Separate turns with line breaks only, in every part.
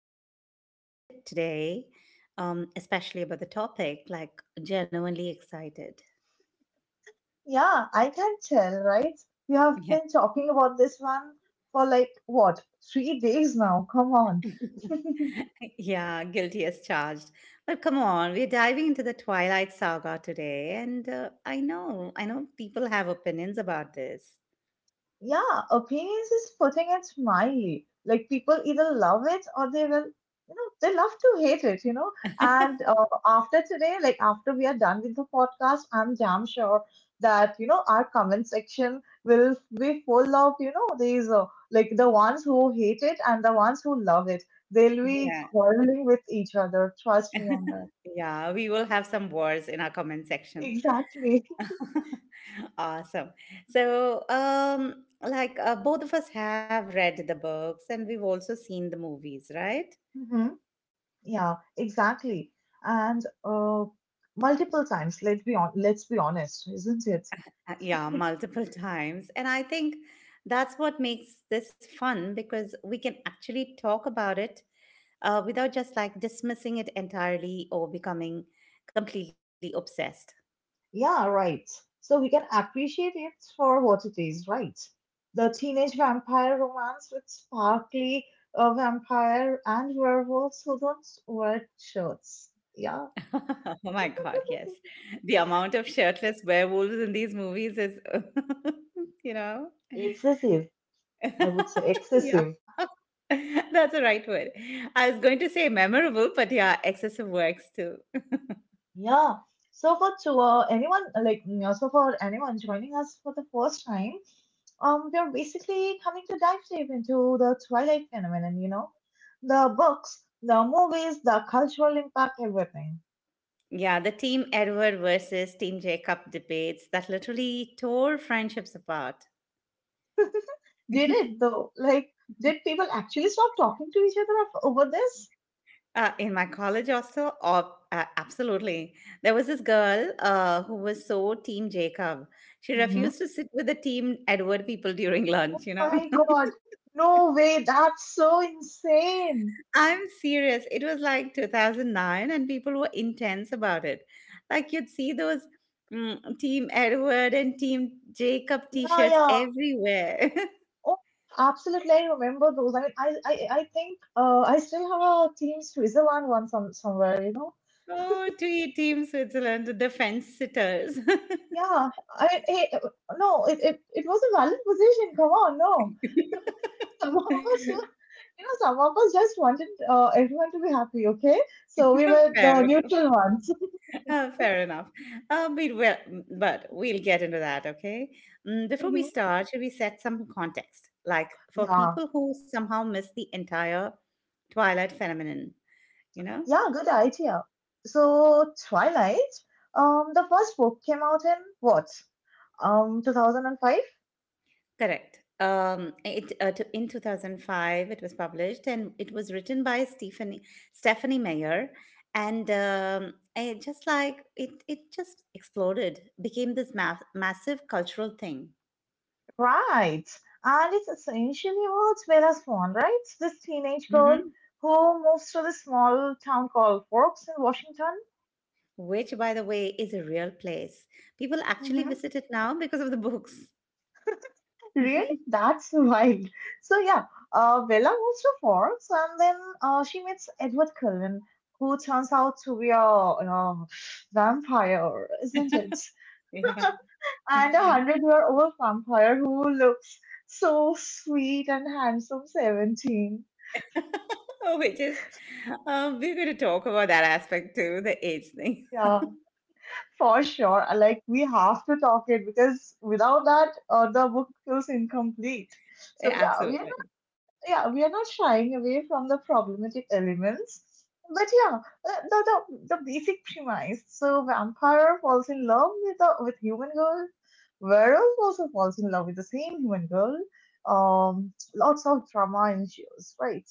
I'm so excited today, especially about the topic, like, genuinely excited.
Yeah, I can tell, right? You have
Yeah.
been talking about this one for like what, 3 days now? Come on.
Yeah, guilty as charged. But come on, we're diving into the Twilight saga today. And I know people have opinions about this.
Yeah, opinions is putting it mildly. Like people either love it or they will, you know, they love to hate it, you know. And After today, like after we are done with the podcast, I'm damn sure that, you know, our comment section will be full of, you know, these like the ones who hate it and the ones who love it. They'll be
Yeah,
quarreling with each other. Trust me on that.
yeah, we will have some wars in our comment section.
Exactly.
Awesome. So, like both of us have read the books and we've also seen the movies, right?
Yeah, exactly. And Multiple times, let's be honest, isn't it?
Yeah, multiple times. And I think that's what makes this fun because we can actually talk about it without just like dismissing it entirely or becoming completely obsessed.
Yeah, right. So we can appreciate it for what it is, right? The teenage vampire romance with sparkly vampire and werewolves who don't wear shirts. Yeah,
Oh my God, yes. The amount of shirtless werewolves in these movies is, you know.
excessive. I would say excessive.
Yeah. That's the right word. I was going to say memorable, but yeah, excessive works too.
Yeah. So for to anyone like you know, So for anyone joining us for the first time, we are basically coming to dive deep into the Twilight phenomenon. You know, the books, the movies, the cultural impact, everything.
Yeah, the Team Edward versus Team Jacob debates that literally tore friendships apart.
Did it though? Like, did people actually stop talking to each other af- over this?
In my college also, oh, absolutely. There was this girl who was so Team Jacob. She
hmm
refused to sit with the Team Edward people during lunch, you know?
My God, no way! That's so insane.
I'm serious. It was like 2009, and people were intense about it. Like you'd see those Team Edward and Team Jacob
Yeah,
T-shirts
yeah.
everywhere.
Oh, absolutely. I remember those. I think I still have a Team Switzerland one somewhere, you know?
Oh, to Team Switzerland, the fence sitters.
Yeah. I mean, eh, eh, no, it was a valid position. Come on, no. Some of us, you some of us just wanted everyone to be happy, okay? So we were
fair,
the
enough.
neutral ones.
Fair enough. But we'll get into that, okay? Before we
hmm
start, should we set some context? Like for
Yeah.
people who somehow miss the entire Twilight phenomenon, you know?
Yeah, good idea. So, Twilight, the first book came out in what? 2005?
Correct. In 2005 it was published and it was written by Stephanie Mayer, and it just like it just exploded, became this massive cultural thing.
Right. And it's essentially about Bella's Swan, right? This teenage girl
hmm
who moves to this small town called Forks in Washington.
Which, by the way, is a real place. People actually
hmm
visit it now because of the books.
Really? That's wild. So, yeah, Bella moves to Forks and then she meets Edward Cullen, who turns out to be a vampire, isn't it?
Yeah.
And a hundred-year-old vampire who looks so sweet and handsome 17.
Which is, we're going to talk about that aspect too, the age thing.
Yeah, for sure. I like we have to talk it because without that, the book feels incomplete. So yeah, we are
Absolutely.
not, yeah we are not shying away from the problematic elements. But yeah, the basic premise. So vampire falls in love with a with human girl. Werewolf also falls in love with the same human girl. Lots of drama ensues, right?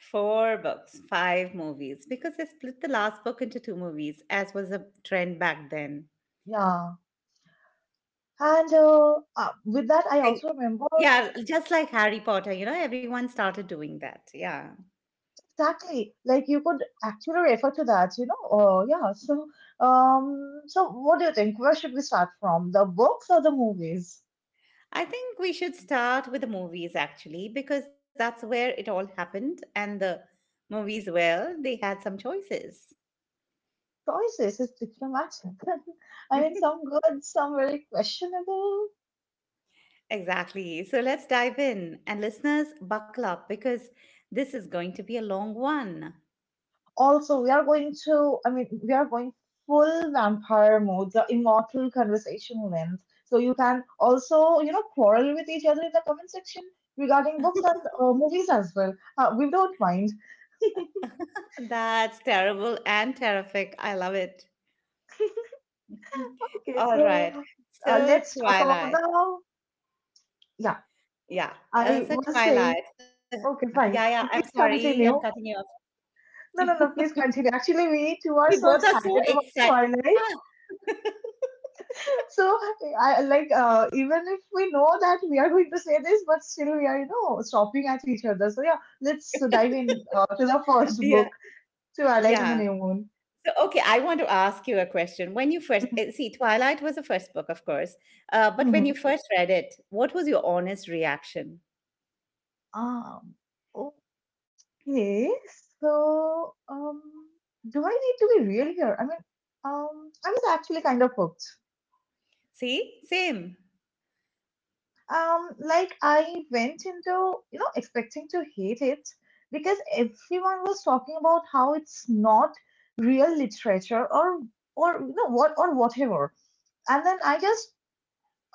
Four books, five movies, because they split the last book into two movies, as was a trend back then.
Yeah. And With that, I
I,
also remember.
yeah, just like Harry Potter, everyone started doing that. Yeah.
Exactly. Like you could actually refer to that, you know. Oh, yeah. So, so what do you think? Where should we start from? The books or the movies?
I think we should start with the movies actually, because that's where it all happened. And the movies, well, they had some choices.
Choices is diplomatic. I mean, some good, some very questionable.
Exactly. So let's dive in. And listeners, buckle up because this is going to be a long one.
Also, we are going full vampire mode, the immortal conversation length. So you can also, you know, quarrel with each other in the comment section regarding books and movies as well. We don't mind.
That's terrible and terrific. I love it. Mm.
Okay,
All
so
right. So
let's talk about
Twilight.
the. Yeah,
Yeah.
I
So
was saying.
Twilight.
Okay,
Yeah, yeah.
fine.
I'm
Please
sorry. I'm cutting
continue.
you off.
No, no, no. Please continue. Actually, we two
We
are
both
so
are so
excited about
excited.
Twilight. So, I like even if we know that we are going to say this, but still we are, you know, stopping at each other. So yeah, let's dive in to
Ah,
the
yeah.
first book,
Yeah.
Twilight and the New Moon.
So okay, I want to ask you a question. When you first
Mm-hmm.
see, Twilight was the first book, of course. But when you first read it, what was your honest reaction?
Mm-hmm. Um. Yes. So, do I need to be real here? I mean, I was actually kind of hooked.
See? Same.
Like I went into, you know, expecting to hate it because everyone was talking about how it's not real literature or you know what or whatever. And then I just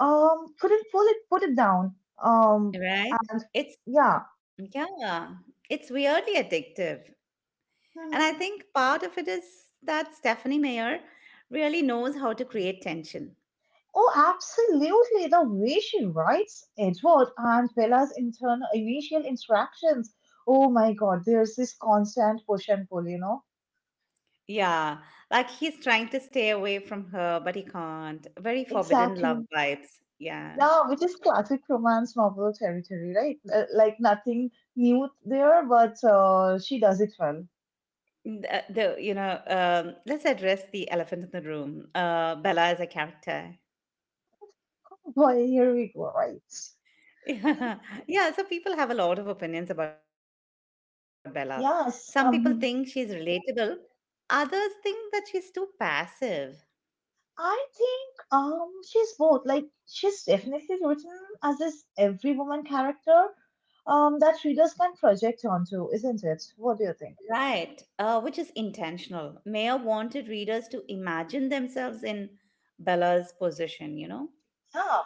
couldn't pull it put it down. Um,
Right?
and
It's
Yeah.
Yeah. It's weirdly addictive. And I
Mm-hmm.
think part of it is that Stephanie Meyer really knows how to create tension.
Oh, absolutely. The way she writes Edward and Bella's internal initial interactions. Oh my God, there's this constant push and pull, you know?
Yeah, like he's trying to stay away from her, but he can't. Very forbidden
Exactly.
love vibes. Yeah.
Yeah, which is classic romance novel territory, right? Like nothing new there, but she does it well.
Let's address the elephant in the room. Bella is a character.
Boy, here we go, right?
Yeah. Yeah, so people have a lot of opinions about Bella. Some people think she's
Yes.
relatable, others think that she's too passive.
I think she's both. Like she's definitely written as this every woman character that readers can project onto, isn't it? What do you think?
Right, which is intentional. Mayer wanted readers to imagine themselves in Bella's position, you know?
Yeah.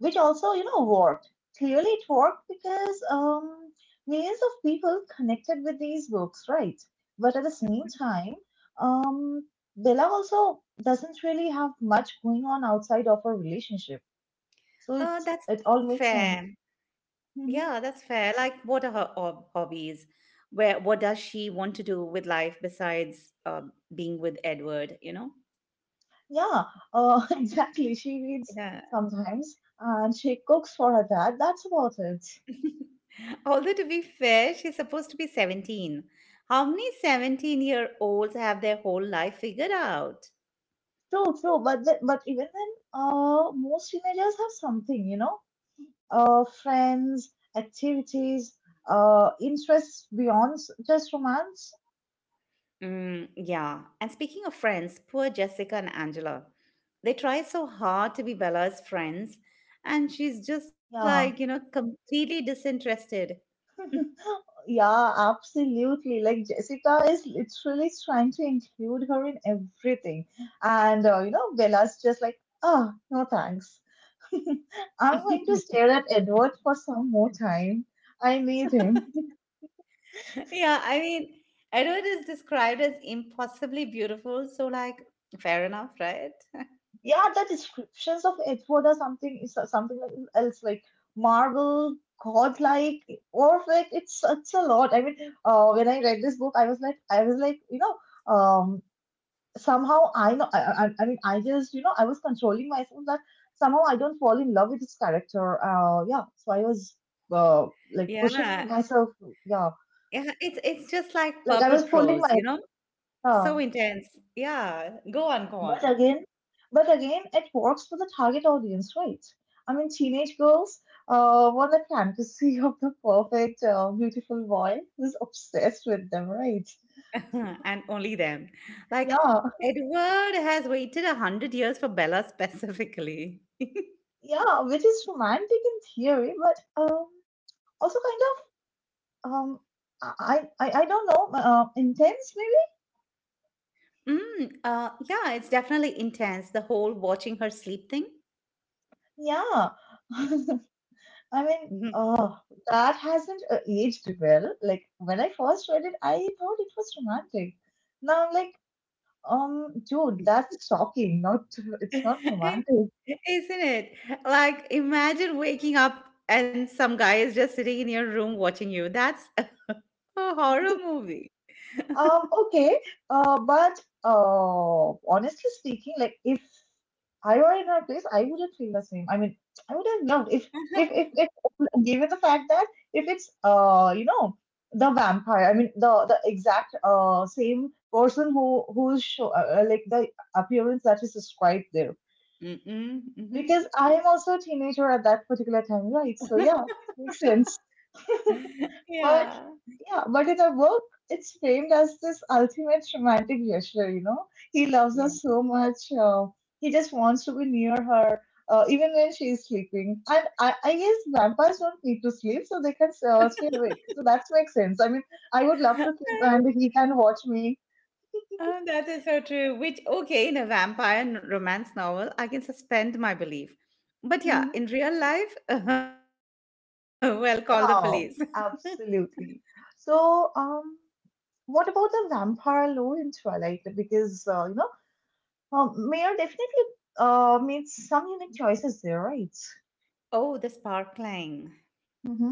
Which also, you know, worked. Clearly it worked because millions of people connected with these books, right? But at the same time, um Bella also doesn't really have much going on outside of her relationship. So it's
That's
it all makes
fair.
sense.
Yeah, that's
Mm-hmm.
fair. Like, what are her hobbies? What does she want to do with life besides being with Edward, you know?
Yeah, exactly. She reads
Yeah.
sometimes and she cooks for her dad. That's about it.
Although, to be fair, she's supposed to be 17. How many 17-year-olds have their whole life figured out?
True, true. But even then, most teenagers have something, you know, friends, activities, just romance.
Mm, yeah. And speaking of friends, poor Jessica and Angela. They try so hard to be Bella's friends, and she's just like,
Yeah,
completely disinterested.
yeah, absolutely. Like Jessica is literally trying to include her in everything, and you know, Bella's just like, ah, no thanks. I'm going to stare at Edward for some more time. I need him.
Yeah, I mean, Edward is described as impossibly beautiful, so like, fair enough, right?
Yeah, the descriptions of Edward are something else like marble, godlike, perfect. It's a lot. I mean, when I read this book, I was like, you know, um, somehow I know. I mean, I just you know, I was controlling myself that somehow I don't fall in love with this character. Yeah. So I was uh like
Yeah.
pushing myself. Yeah,
Yeah, it's just like
like
purple
I was
prose,
pulling
you
my.
know?
Yeah.
So intense. Yeah. Go on, go
But
on.
again, but again, it works for the target audience, right? I mean, teenage girls want the fantasy of the perfect, beautiful boy who's obsessed with them, right?
And only them. Like
Yeah,
Edward has waited 100 years for Bella specifically.
yeah, which is romantic in theory, but also kind of I don't know, intense maybe.
Mm, yeah, it's definitely intense. The whole watching her sleep thing.
Yeah, I mean,
Mhm.
oh, that hasn't aged well. Like when I first read it, I thought it was romantic. Now I'm like, dude, that's shocking. Not, it's not romantic.
Isn't it? Like, imagine waking up and some guy is just sitting in your room watching you. That's a horror movie.
Okay. But Honestly speaking, like if I were in her place, I wouldn't feel the same. I mean, I would have loved if given the fact that if it's you know, the vampire. I mean, the exact same person like the appearance that is described there.
Mm-mm, mhm.
Because I am also a teenager at that particular time, right? So yeah, it makes sense. But
Yeah.
Yeah, but in our book, it's framed as this ultimate romantic gesture, you know? He loves her
Yeah.
so much. He just wants to be near her, even when she's sleeping. And I guess vampires don't need to sleep, so they can stay awake. So that makes sense. I mean, I would love to sleep and he can watch me.
Oh, that is so true. Which, okay, in a vampire romance novel, I can suspend my belief. But yeah,
Mhm.
in real life, well, call the police.
Oh, absolutely. So, what about the vampire lore in Twilight? Because you know, Mayor definitely makes some unique choices there, right?
Oh, the sparkling.
Mm-hmm.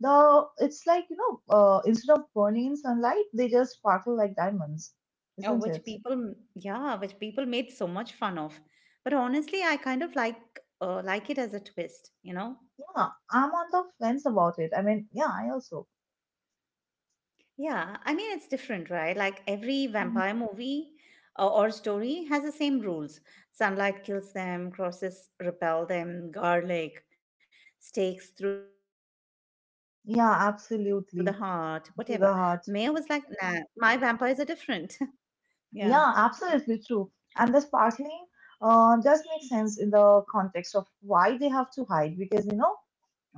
The it's like you know, instead of burning in sunlight, they just sparkle like diamonds,
Oh,
isn't
which
it?
people, yeah, which people made so much fun of. But honestly, I kind of like it as a twist, you know?
Yeah, I'm on the fence about it. I mean, yeah, I also.
Yeah, I mean it's different, right? Like every vampire
hmm
movie or story has the same rules. Sunlight kills them, crosses repel them, garlic, stakes through the heart, whatever. Mayor was
Yeah,
like, nah, my
absolutely.
vampires are
To the
different.
heart.
Yeah,
Yeah, absolutely true. And the sparkling does make sense in the context of why they have to hide because, you know,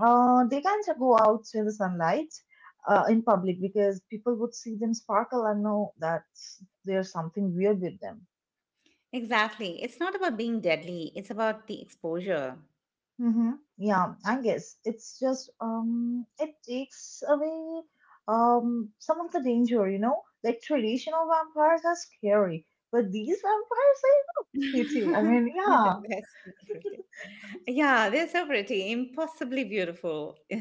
uh, they can't go out to the sunlight in public because people would see them sparkle and know that there's something weird with them.
exactly. It's not about being deadly, it's about the exposure.
Mm-hmm. Yeah, I guess it's just it takes away some of the danger, you know. Like traditional vampires are scary, but these vampires are pretty. I mean, yeah,
That's different. Yeah, they're so pretty, impossibly beautiful.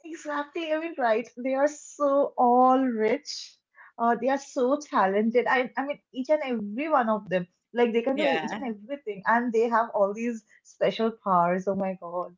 exactly. I mean, right. They are so all rich. They are so talented. I mean, each and every one of them. Like they can do each
Yeah,
and everything, and they have all these special powers. Oh my God.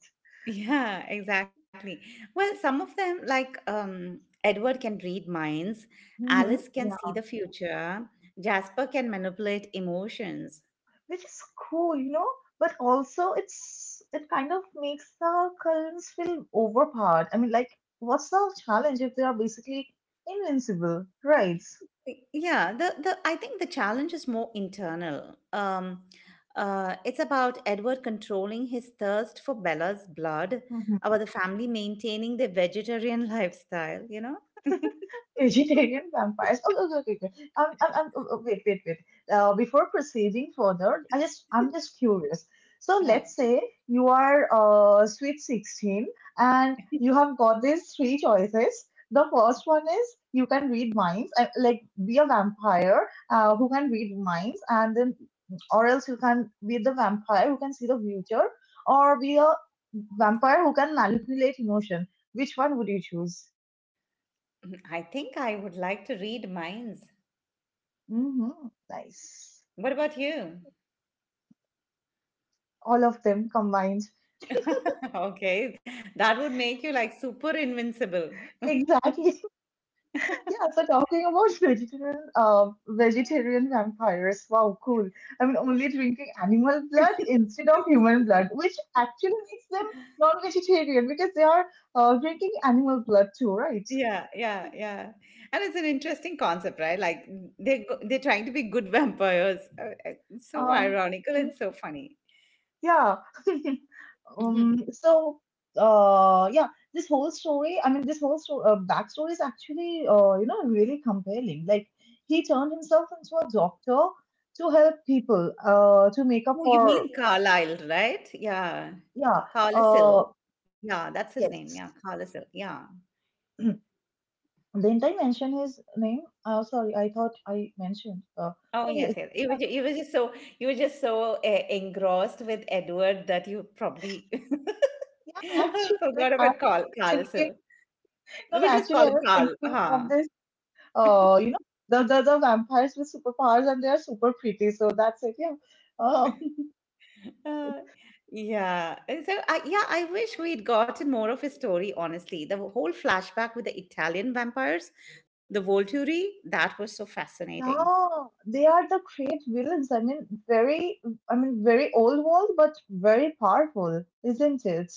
yeah, exactly. Well, some of them, like Edward can read minds, Alice can see
Yeah,
the future, Jasper can manipulate emotions.
which is cool, you know. But also, it's it kind of makes the Cullens feel overpowered. I mean, like, what's the challenge if they are basically invincible, right?
Yeah, the I think the challenge is more internal. It's about Edward controlling his thirst for Bella's blood, about the family maintaining their vegetarian lifestyle, you know?
Vegetarian vampires. Okay, okay, okay, okay. Oh, oh, wait. Before proceeding further, I just, I'm just curious. So let's say you are sweet 16 and you have got these three choices. The first one is you can read minds, like be a vampire who can read minds, and then, or else you can be the vampire who can see the future, or be a vampire who can manipulate emotion. Which one would you choose?
I think I would like to read minds.
Hmm. Nice.
What about you?
All of them combined.
Okay, that would make you like super invincible.
Exactly. Yeah, so talking about vegetarian vampires. Wow, cool. I mean, only drinking animal blood instead of human blood, which actually makes them non-vegetarian because they are drinking animal blood too, right?
Yeah, yeah, yeah. And it's an interesting concept, right? Like they're trying to be good vampires. It's so
Um,
ironical
okay.
and so funny.
Yeah.
Mhm.
Um, so, uh, yeah, this whole story, I mean, backstory is actually, you know, really compelling. Like, he turned himself into a doctor to help people, to make up
Oh, you
for,
mean Carlyle, right? Yeah.
yeah, uh,
Carlisle. Yeah, that's his name. Yeah,
yes.
Carlisle. Yeah.
Didn't I mention his name? Oh, sorry, I thought I mentioned.
Oh
Okay,
yes, yes. You were
yeah,
you were just so engrossed with Edward that you probably
yeah. Actually, like,
forgot
I was
about Carl
thinking,
Carlisle.
no, no,
We'll just
actually,
call
I
him
was
Carl.
thinking of
Uh-huh.
this. You know, the vampires with superpowers and they are super pretty. So that's it. Yeah. Oh,
Uh, yeah. So I, yeah, I wish we'd gotten more of his story. Honestly, the whole flashback with the Italian vampires, the Volturi, that was so fascinating.
yeah. They are the great villains. I mean, very old world, but very powerful, isn't it?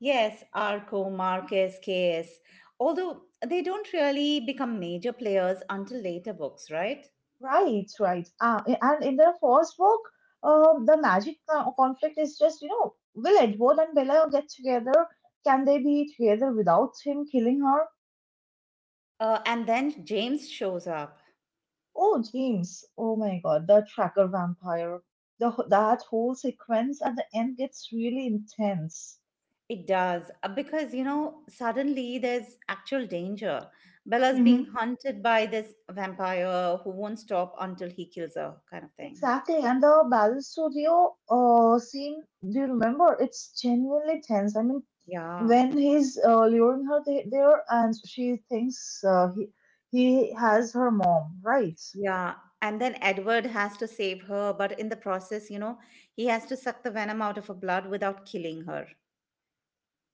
Yes, Arco, Marcus, Caius. Although they don't really become major players until later books, right?
Right, right. And in their first book, the conflict is just, you know, will Edward and Bella get together? Can they be together without him killing her?
And then James shows up.
Oh, James. Oh my God, the tracker vampire. The that whole sequence at the end gets really intense.
It does. Because, suddenly there's actual danger. Bella's being
Hmm.
hunted by this vampire who won't stop until he kills her, kind of thing.
Exactly, and the Battle Studio scene. Do you remember? It's genuinely tense. I mean,
Yeah.
when he's luring her there, and she thinks he has her mom, right?
Yeah. And then Edward has to save her. But in the process, he has to suck the venom out of her blood without killing her.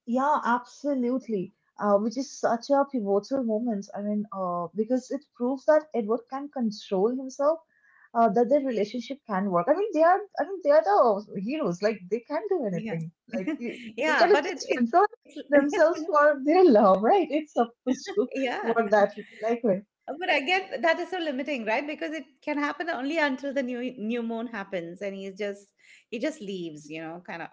Yeah, absolutely. Which is such a pivotal moment. I mean, because it proves that Edward can control himself, that their relationship can work. I mean, they are, I mean, they are the heroes. Like they can do
Yeah.
anything. Like they they
Yeah.
can at
But
least control themselves for their love, right? It's supposed to
yeah.
work that like when,
But again, that is so limiting, right? Because it can happen only until the new moon happens, and he just leaves, kind of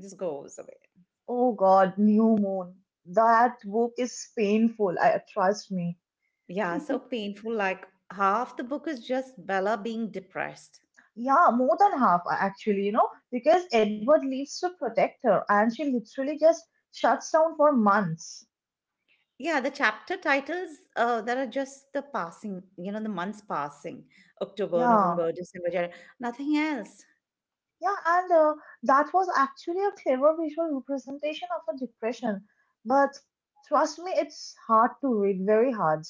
just goes away.
oh God, New Moon. That book is painful. I trust me.
Yeah, so painful. Like half the book is just Bella being depressed.
Yeah, more than half actually, you know, because Edward leaves to protect her and she literally just shuts down for months.
Yeah, the chapter titles that are just the passing, the months passing, October,
Yeah,
November, December, January, nothing else.
yeah, and that was actually a clever visual representation of a depression. But trust me, it's hard to read, very hard.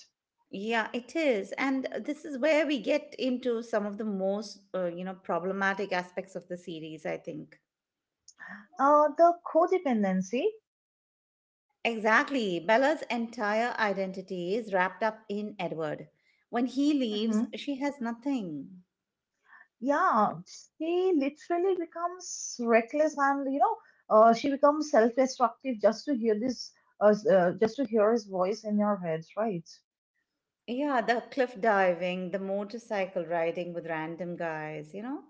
Yeah, it is. And this is where we get into some of the most, problematic aspects of the series, I think.
The codependency,
Exactly. Bella's entire identity is wrapped up in Edward. When he leaves,
hmm,
she has nothing.
yeah, she literally becomes reckless and, you know, she becomes self-destructive just to hear this, just to hear his voice in your head, right?
Yeah, the cliff diving, the motorcycle riding with random guys, you know?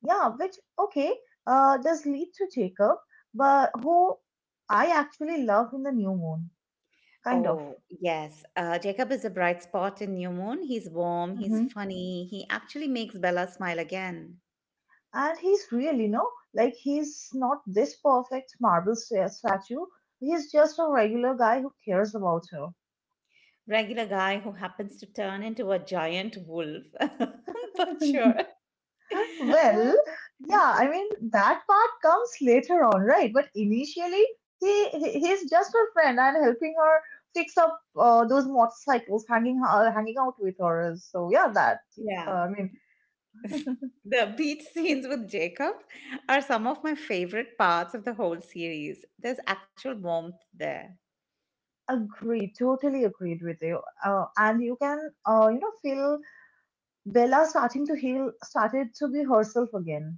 Yeah, which okay, does lead to Jacob, but who I actually love in the new moon, kind of.
Oh, yes. Jacob is a bright spot in New Moon. He's warm, he's
Hmm.
funny. He actually makes Bella smile again.
And he's really no, like he's not this perfect statue. He's just a regular guy who cares about her.
Regular guy who happens to turn into a giant wolf. But sure.
Well, yeah, I mean that part comes later on, right? But initially, he he's just her friend and helping her fix up those motorcycles, hanging out with her. So yeah, that
Yeah.
I mean,
The beach scenes with Jacob are some of my favorite parts of the whole series. There's actual warmth there.
agreed, totally agreed with you. And you can, you know, feel Bella starting to heal, started to be herself again.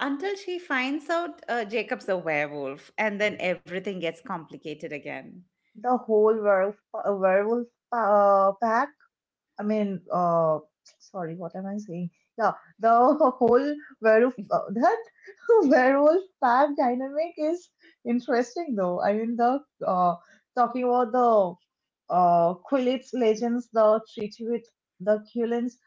Until she finds out Jacob's a werewolf, and then everything gets complicated again.
The whole werewolf pack. I mean, sorry, what am I saying? Yeah, the whole werewolf that werewolf pack dynamic is interesting though. I mean, the uh, talking about the Quilex legends, the treaty with the Culins.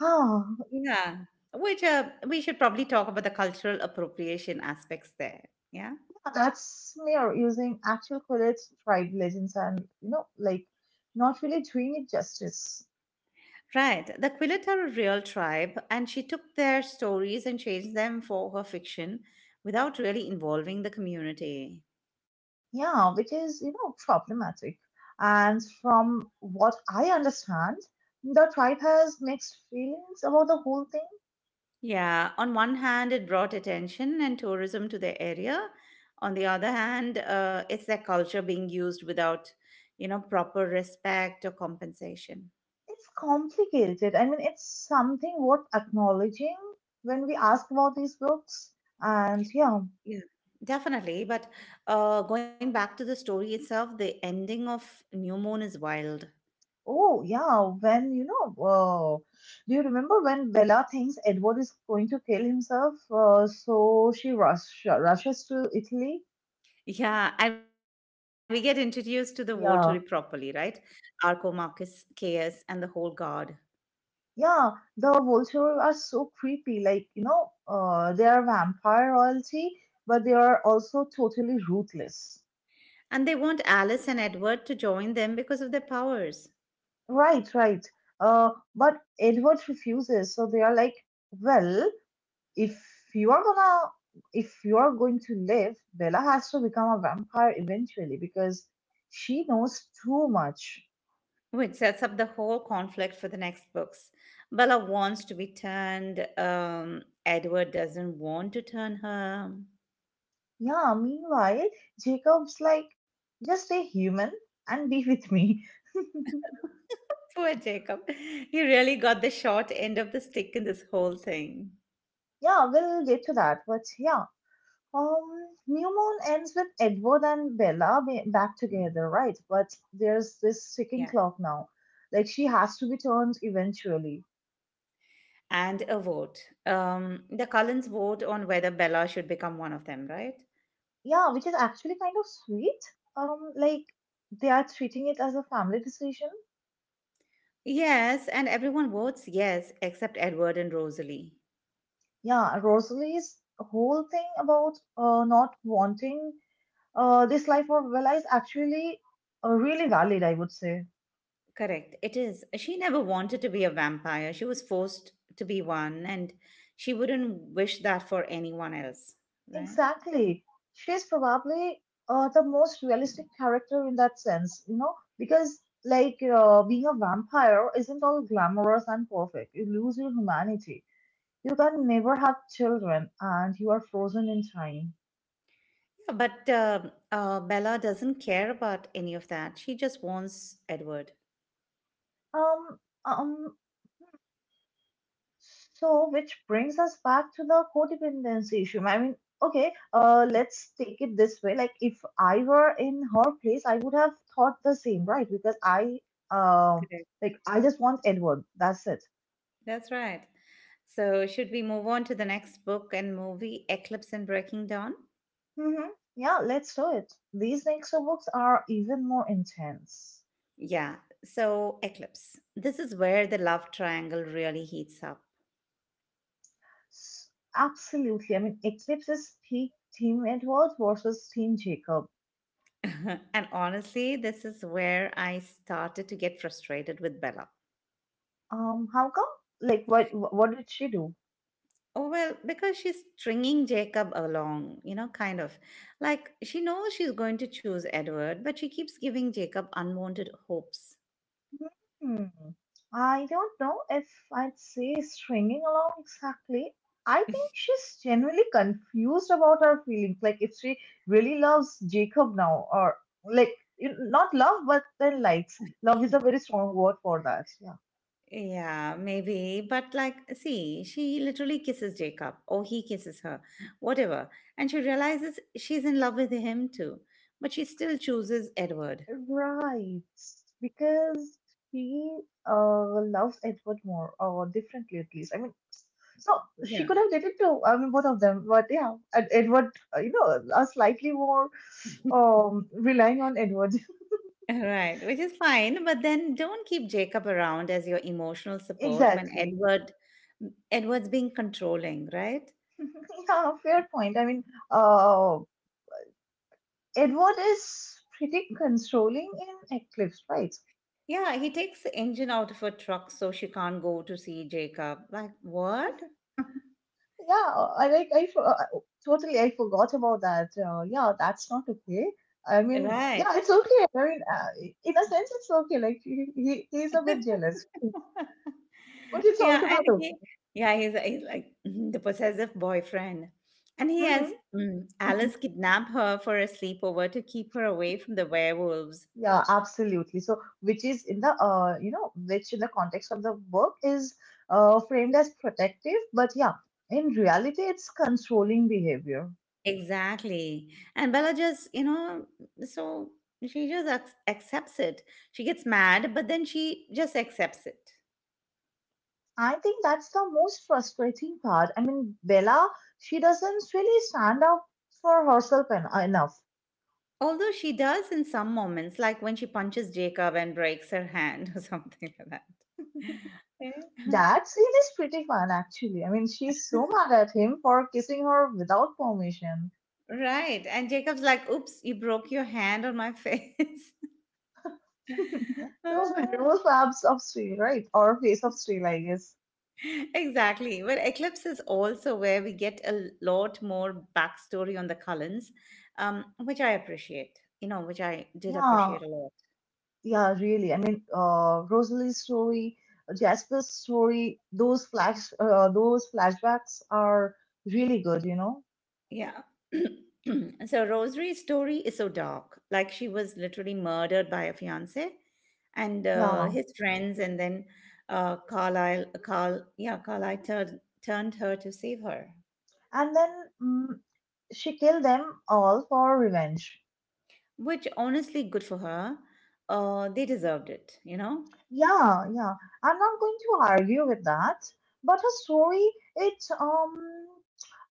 Huh.
Yeah. Which we should probably talk about the cultural appropriation aspects there. Yeah.
That's they are using actual Quidditch tribe legends and, you know, like not really doing it justice.
Right. The Quillet are a real tribe, and she took their stories and changed them for her fiction without really involving the community.
Yeah, which is, you know, problematic. And from what I understand, the tribe has mixed feelings about the whole thing.
Yeah, on one hand, it brought attention and tourism to the area. On the other hand, it's their culture being used without, proper respect or compensation.
It's complicated. I mean, it's something worth acknowledging when we ask about these books. And yeah,
Yeah. Definitely, but going back to the story itself, the ending of New Moon is wild.
oh, yeah, when you know, do you remember when Bella thinks Edward is going to kill himself? So she rushes to Italy.
Yeah, and we get introduced to the Volturi properly, right?
Yeah,
Arco, Marcus, Caius, and the whole guard.
yeah, the vultures are so creepy. Like, you know, they are vampire royalty, but they are also totally ruthless.
And they want Alice and Edward to join them because of their powers.
Right, right. Uh, but Edward refuses, so they are like, well, if you are gonna, if you are going to live, Bella has to become a vampire eventually because she knows too much.
Which sets up the whole conflict for the next books. Bella wants to be turned, Edward doesn't want to turn her.
Yeah, meanwhile, Jacob's like, just stay human and be with me.
Poor Jacob. He really got the short end of the stick in this whole thing.
Yeah, we'll get to that. But yeah, um, New Moon ends with Edward and Bella back together, right? But there's
Yeah.
this ticking clock now. Like she has to be turned eventually.
And a vote. The Cullens vote on whether Bella should become one of them, right?
Yeah, which is actually kind of sweet. Like they are treating it as a family decision.
Yes, and everyone votes yes except Edward and Rosalie.
Yeah, Rosalie's whole thing about not wanting this life for Villa is actually really valid, I would say.
Correct. It is. She never wanted to be a vampire. She was forced to be one, and she wouldn't wish that for anyone else, right?
Exactly. She's probably the most realistic character in that sense, you know, because like being a vampire isn't all glamorous and perfect. You lose your humanity. You can never have children and you are frozen in time.
Yeah, but Bella doesn't care about any of that. She just wants Edward.
Um, um, so which brings us back to the codependency issue. I mean, okay, let's take it this way. Like, if I were in her place, I would have thought the same, right? Because I, uh,
Correct.
like, I just want Edward. That's it.
That's right. So, should we move on to the next book and movie, Eclipse and Breaking Dawn?
Mm-hmm. Yeah, let's do it. These next two books are even more intense.
Yeah. So, Eclipse. This is where the love triangle really heats up.
S- Absolutely. I mean, Eclipse is peak Team Edward versus Team Jacob.
And honestly, this is where I started to get frustrated with Bella.
How come? Like, what did she do?
Oh, well, because she's stringing Jacob along, kind of. Like, she knows she's going to choose Edward, but she keeps giving Jacob unwanted hopes.
Hmm. I don't know if I'd say stringing along exactly. I think she's genuinely confused about her feelings. Like, if she really loves Jacob now, or like, not love, but then likes. Love is a very strong word for that. Yeah.
Yeah, maybe. But, like, see, she literally kisses Jacob, or he kisses her, whatever. And she realizes she's in love with him too. But she still chooses Edward.
Right. Because she loves Edward more, or differently at least. I mean, so she
Yeah.
could have dated two, I mean, both of them, but yeah, Edward, you know, a slightly more um, relying on Edward.
Right, which is fine, but then don't keep Jacob around as your emotional support when
Exactly.
Edward's being controlling, right?
Yeah, fair point. I mean, uh, Edward is pretty controlling in Eclipse, right?
Yeah, he takes the engine out of her truck so she can't go to see Jacob. Like, what?
Yeah, I like totally I forgot about that. Yeah, that's not okay. I mean,
Right.
yeah, it's okay. I mean, in a sense, it's okay. Like he, he's a bit jealous, but it's
Yeah,
also
and
not okay.
he's like the possessive boyfriend. And he
Mm-hmm.
has Alice kidnap her for a sleepover to keep her away from the werewolves.
Yeah, absolutely. So, which is in the you know, which in the context of the work is framed as protective, but yeah, in reality, it's controlling behavior.
Exactly. And Bella just, so she just accepts it. She gets mad, but then she just accepts it.
I think that's the most frustrating part. I mean, Bella, she doesn't really stand up for herself en enough.
Although she does in some moments, like when she punches Jacob and breaks her hand or something like that. Eh?
That scene is pretty fun, actually. I mean, she's so mad at him for kissing her without permission.
Right. And Jacob's like, oops, you broke your hand on my face.
So,
Ah.
Meryl Fab's of Steel, right? Or Face of Steel, I guess.
Exactly. Well, Eclipse is also where we get a lot more backstory on the Cullens, which I did
Yeah,
appreciate a lot.
yeah, really. I mean, Rosalie's story, Jasper's story, those those flashbacks are really good, you know?
Yeah. So Rosary's story is so dark. Like she was literally murdered by a fiance and
Yeah.
his friends, and then Carlisle turned her to save her,
And then mm, she killed them all for revenge.
which honestly, good for her. They deserved it, you know?
Yeah, yeah. I'm not going to argue with that, but her story, it um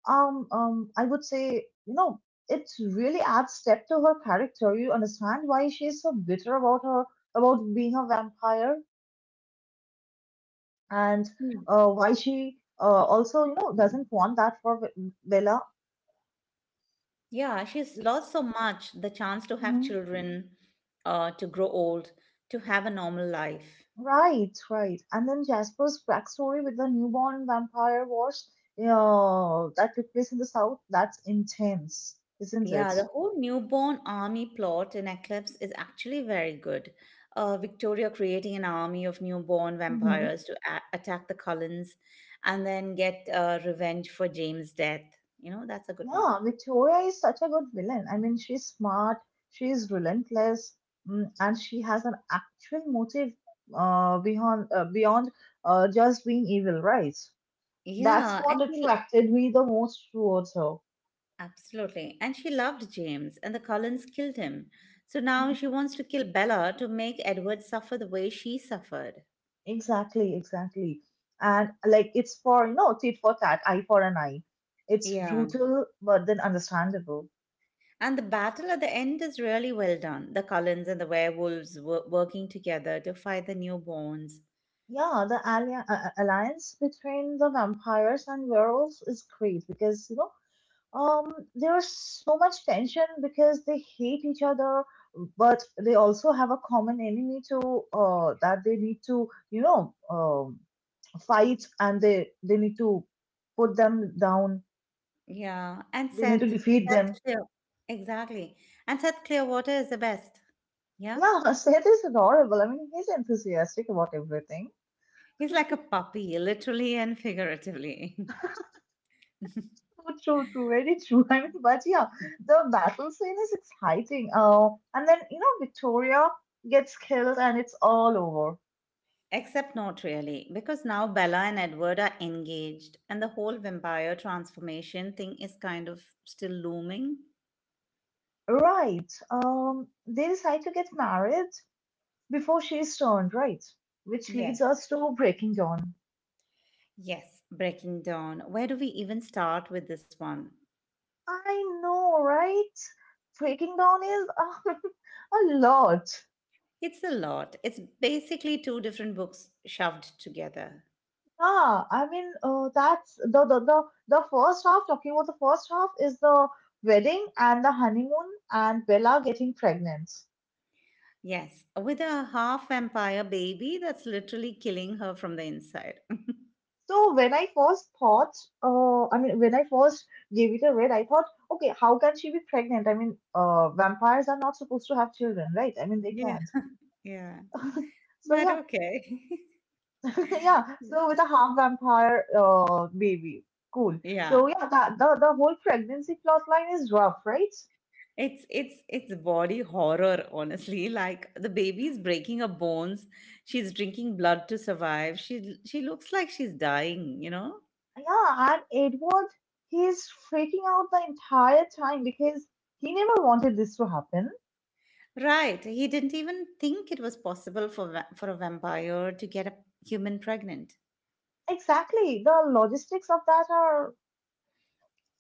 um um I would say, you know, it really adds depth to her character. You understand why she's so bitter about her about being a vampire? And why she also you know doesn't want that for Villa.
Yeah, she's lost so much the chance to have
Mhm.
children, to grow old, to have a normal life.
Right, right. And then Jasper's backstory with the newborn vampire wars that took place in the south, that's intense, isn't it?
Yeah, the whole newborn army plot in Eclipse is actually very good. Victoria creating an army of newborn
Hmm.
vampires to attack the Cullens and then get revenge for James' death. That's a good one.
Yeah, Victoria is such a good villain. I mean, she's smart, she's relentless, mm, and she has an actual motive beyond just being evil, right? That's
Yeah,
what
and she.
attracted me the most towards her.
Absolutely. And she loved James, and the Collins killed him. So now she
Hmm.
wants to kill Bella to make Edward suffer the way she suffered.
Exactly, exactly. And like it's for you know, tit for tat, eye for an eye. It's
Yeah.
brutal but then understandable.
And the battle at the end is really well done. The Collins and the werewolves were working together to fight the newborns.
Yeah, the alliance between the vampires and werewolves is great because you know um, there's so much tension because they hate each other, but they also have a common enemy to that they need to you know um, fights and they need to put them down.
Yeah. And
They need to
Seth.
defeat
Seth
them.
Clear. Exactly. And Seth Clearwater is the best. Yeah.
Yeah, Seth is adorable. I mean, he's enthusiastic about everything.
He's like a puppy, literally and figuratively.
True, true, true, very true. I mean, but yeah, the battle scene is exciting. Oh, and then you know Victoria gets killed and it's all over.
Except not really, because now Bella and Edward are engaged, and the whole vampire transformation thing is kind of still looming.
Right. They decide to get married before she's turned right, which leads
Yes,
us to Breaking Dawn.
yes, Breaking Down. Where do we even start with this one?
I know, right? Breaking down is a lot.
It's a lot. It's basically two different books shoved together.
Yeah, I mean, that's the first half. Talking about the first half is the wedding and the honeymoon and Bella getting pregnant.
Yes, with a half vampire baby that's literally killing her from the inside.
So when I first thought, I mean, when I first gave it a read, I thought, okay, how can she be pregnant? I mean, vampires are not supposed to have children, right? I mean, they
Yeah,
can't.
yeah,
So
but
yeah,
okay.
yeah, so with a half vampire baby. Cool.
Yeah.
So yeah, that the whole pregnancy plot line is rough, right?
It's body horror, honestly. Like the baby's breaking her bones. She's drinking blood to survive. She looks like she's dying, you know?
Yeah, and Edward, he's freaking out the entire time because he never wanted this to happen.
Right. He didn't even think it was possible for a vampire to get a human pregnant.
Exactly. The logistics of that are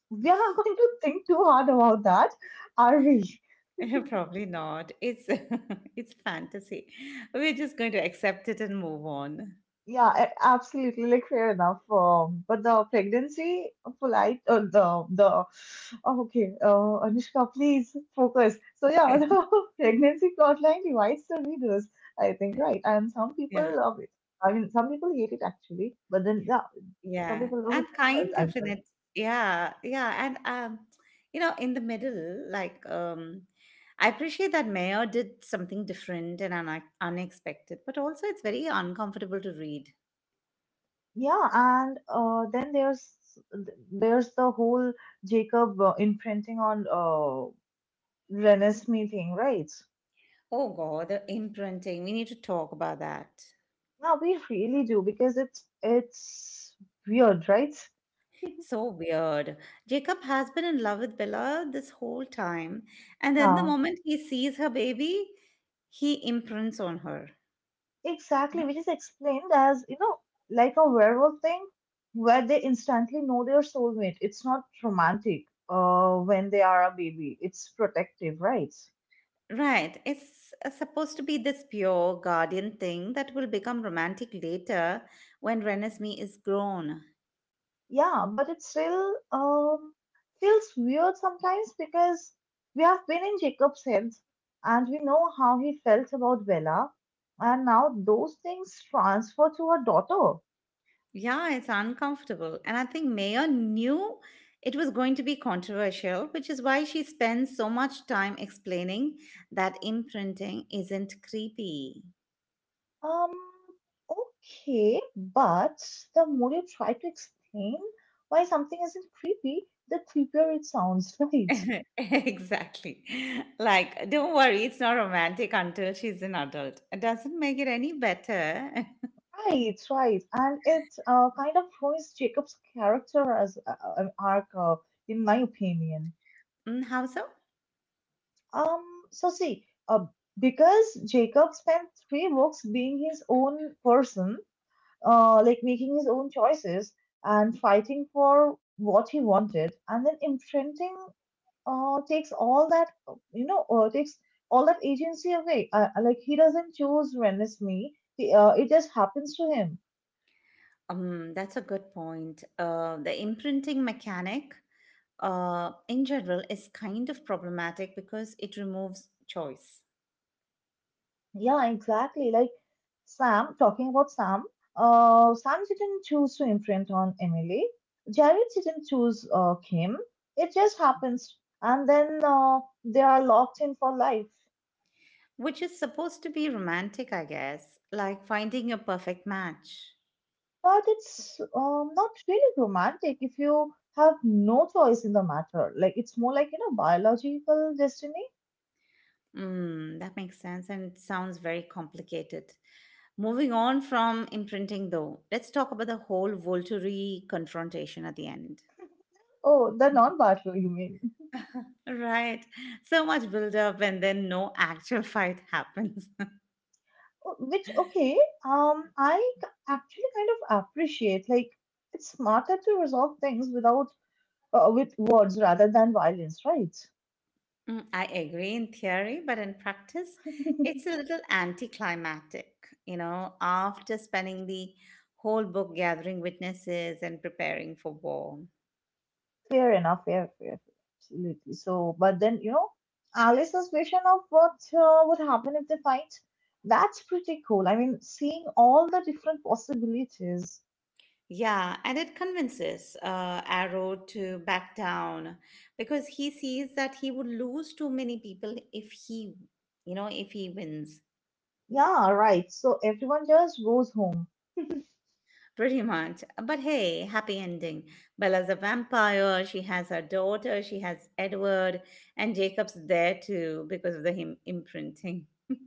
we are not going to think too hard about that, are we?
Probably not. It's it's fantasy. We're just going to accept it and move on.
Yeah, absolutely. Like fair enough. But the pregnancy polite the oh, okay. Anushka, please focus. So yeah, the pregnancy plotline divides the readers. I think right, and some people
Yeah.
love it. I mean, some people hate it actually, but then yeah, some
Yeah,
people love
and
it as
kind
well. as
of in
well.
it. Yeah, yeah, and in the middle, like I appreciate that Mayor did something different and un unexpected, but also it's very uncomfortable to read.
Yeah, and then there's the whole Jacob imprinting on Renesmee thing, right?
Oh God, the imprinting. We need to talk about that.
Yeah, we really do because it's weird, right?
So weird. Jacob has been in love with Bella this whole time, and then the
Yeah,
moment he sees her baby, he imprints on her.
exactly, which is explained as, you know, like a werewolf thing where they instantly know their soulmate. It's not romantic when they are a baby, it's protective, right?
Right. It's supposed to be this pure guardian thing that will become romantic later when Renesmee is grown.
Yeah, but it still feels weird sometimes because we have been in Jacob's head and we know how he felt about Bella, and now those things transfer to her daughter.
Yeah, it's uncomfortable. And I think Mayer knew it was going to be controversial, which is why she spends so much time explaining that imprinting isn't creepy.
Um, okay, but the more you try to explain why something isn't creepy, the creepier it sounds, right?
Exactly. Like, don't worry, it's not romantic until she's an adult. It doesn't make it any better.
Right, right. And it kind of ruins Jacob's character as an arc, in my opinion.
Mm, how so?
Um, so see, uh, because Jacob spent three books being his own person, like making his own choices and fighting for what he wanted, and then imprinting takes all that you know takes all that agency away, like he doesn't choose when it's me he, it just happens to him.
That's a good point. The imprinting mechanic, in general, is kind of problematic because it removes choice,
Yeah, exactly, like sam talking about sam sam didn't choose to imprint on Emily. Jared didn't choose Kim. It just happens, and then they are locked in for life.
which is supposed to be romantic, I guess, like finding a perfect match.
But it's not really romantic if you have no choice in the matter. Like, it's more like, you know, biological destiny.
Mm, that makes sense and it sounds very complicated. Moving on from imprinting, though, let's talk about the whole Volturi confrontation at the end.
Oh, the non-battle, you mean?
Right. So much build up and then no actual fight happens.
Oh, which, okay, actually kind of appreciate. Like, it's smarter to resolve things without with words rather than violence, right?
Mm, I agree in theory, but in practice, it's a little anticlimactic. After spending the whole book gathering witnesses and preparing for war.
Fair enough, fair, fair, fair, absolutely. So, but then, you know, Alice's suspicion of what would happen if they fight, that's pretty cool. I mean, seeing all the different possibilities.
Yeah, and it convinces Arrow to back down because he sees that he would lose too many people if he wins.
Yeah, right. So everyone just goes home.
Pretty much. But hey, happy ending. Bella's a vampire. She has her daughter. She has Edward. And Jacob's there too because of the him imprinting.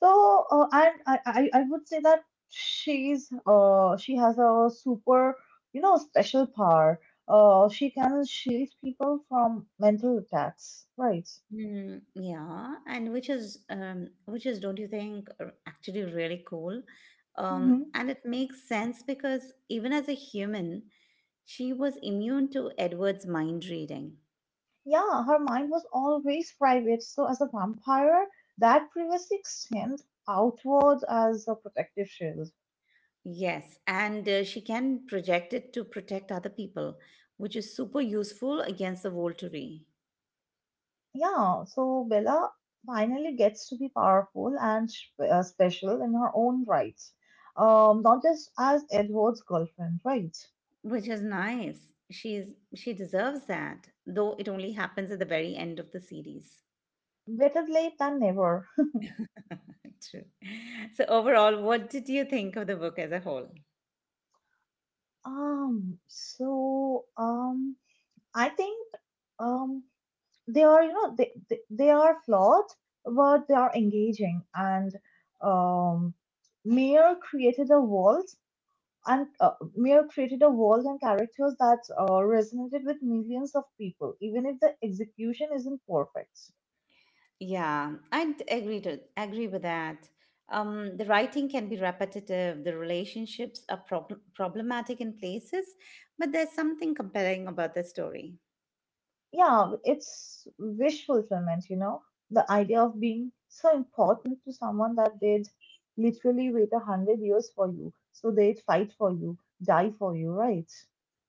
So, and I would say that she's she has a super, you know, special power. She can shield people from mental attacks, right?
Mm, yeah, and which is don't you think actually really cool?
Hmm.
And it makes sense because even as a human, she was immune to Edward's mind reading.
Yeah, her mind was always private. So, as a vampire, that privacy extends outward as a protective shield.
Yes, and she can project it to protect other people, which is super useful against the Volturi.
Yeah, so Bella finally gets to be powerful and special in her own right. Not just as Edward's girlfriend, right?
Which is nice. She deserves that, though it only happens at the very end of the series.
Better late than never.
True. So overall, what did you think of the book as a whole?
Um, so um, I think, um, they are, you know, they are flawed, but they are engaging. And, um, Mayer created a world, Mayer created a world and characters that resonated with millions of people, even if the execution isn't perfect.
Yeah, I'd agree to agree with that. The writing can be repetitive. The relationships are problematic in places, but there's something compelling about the story.
Yeah, it's wish fulfillment, you know, the idea of being so important to someone that they'd literally wait a hundred years for you, so they'd fight for you, die for you, right?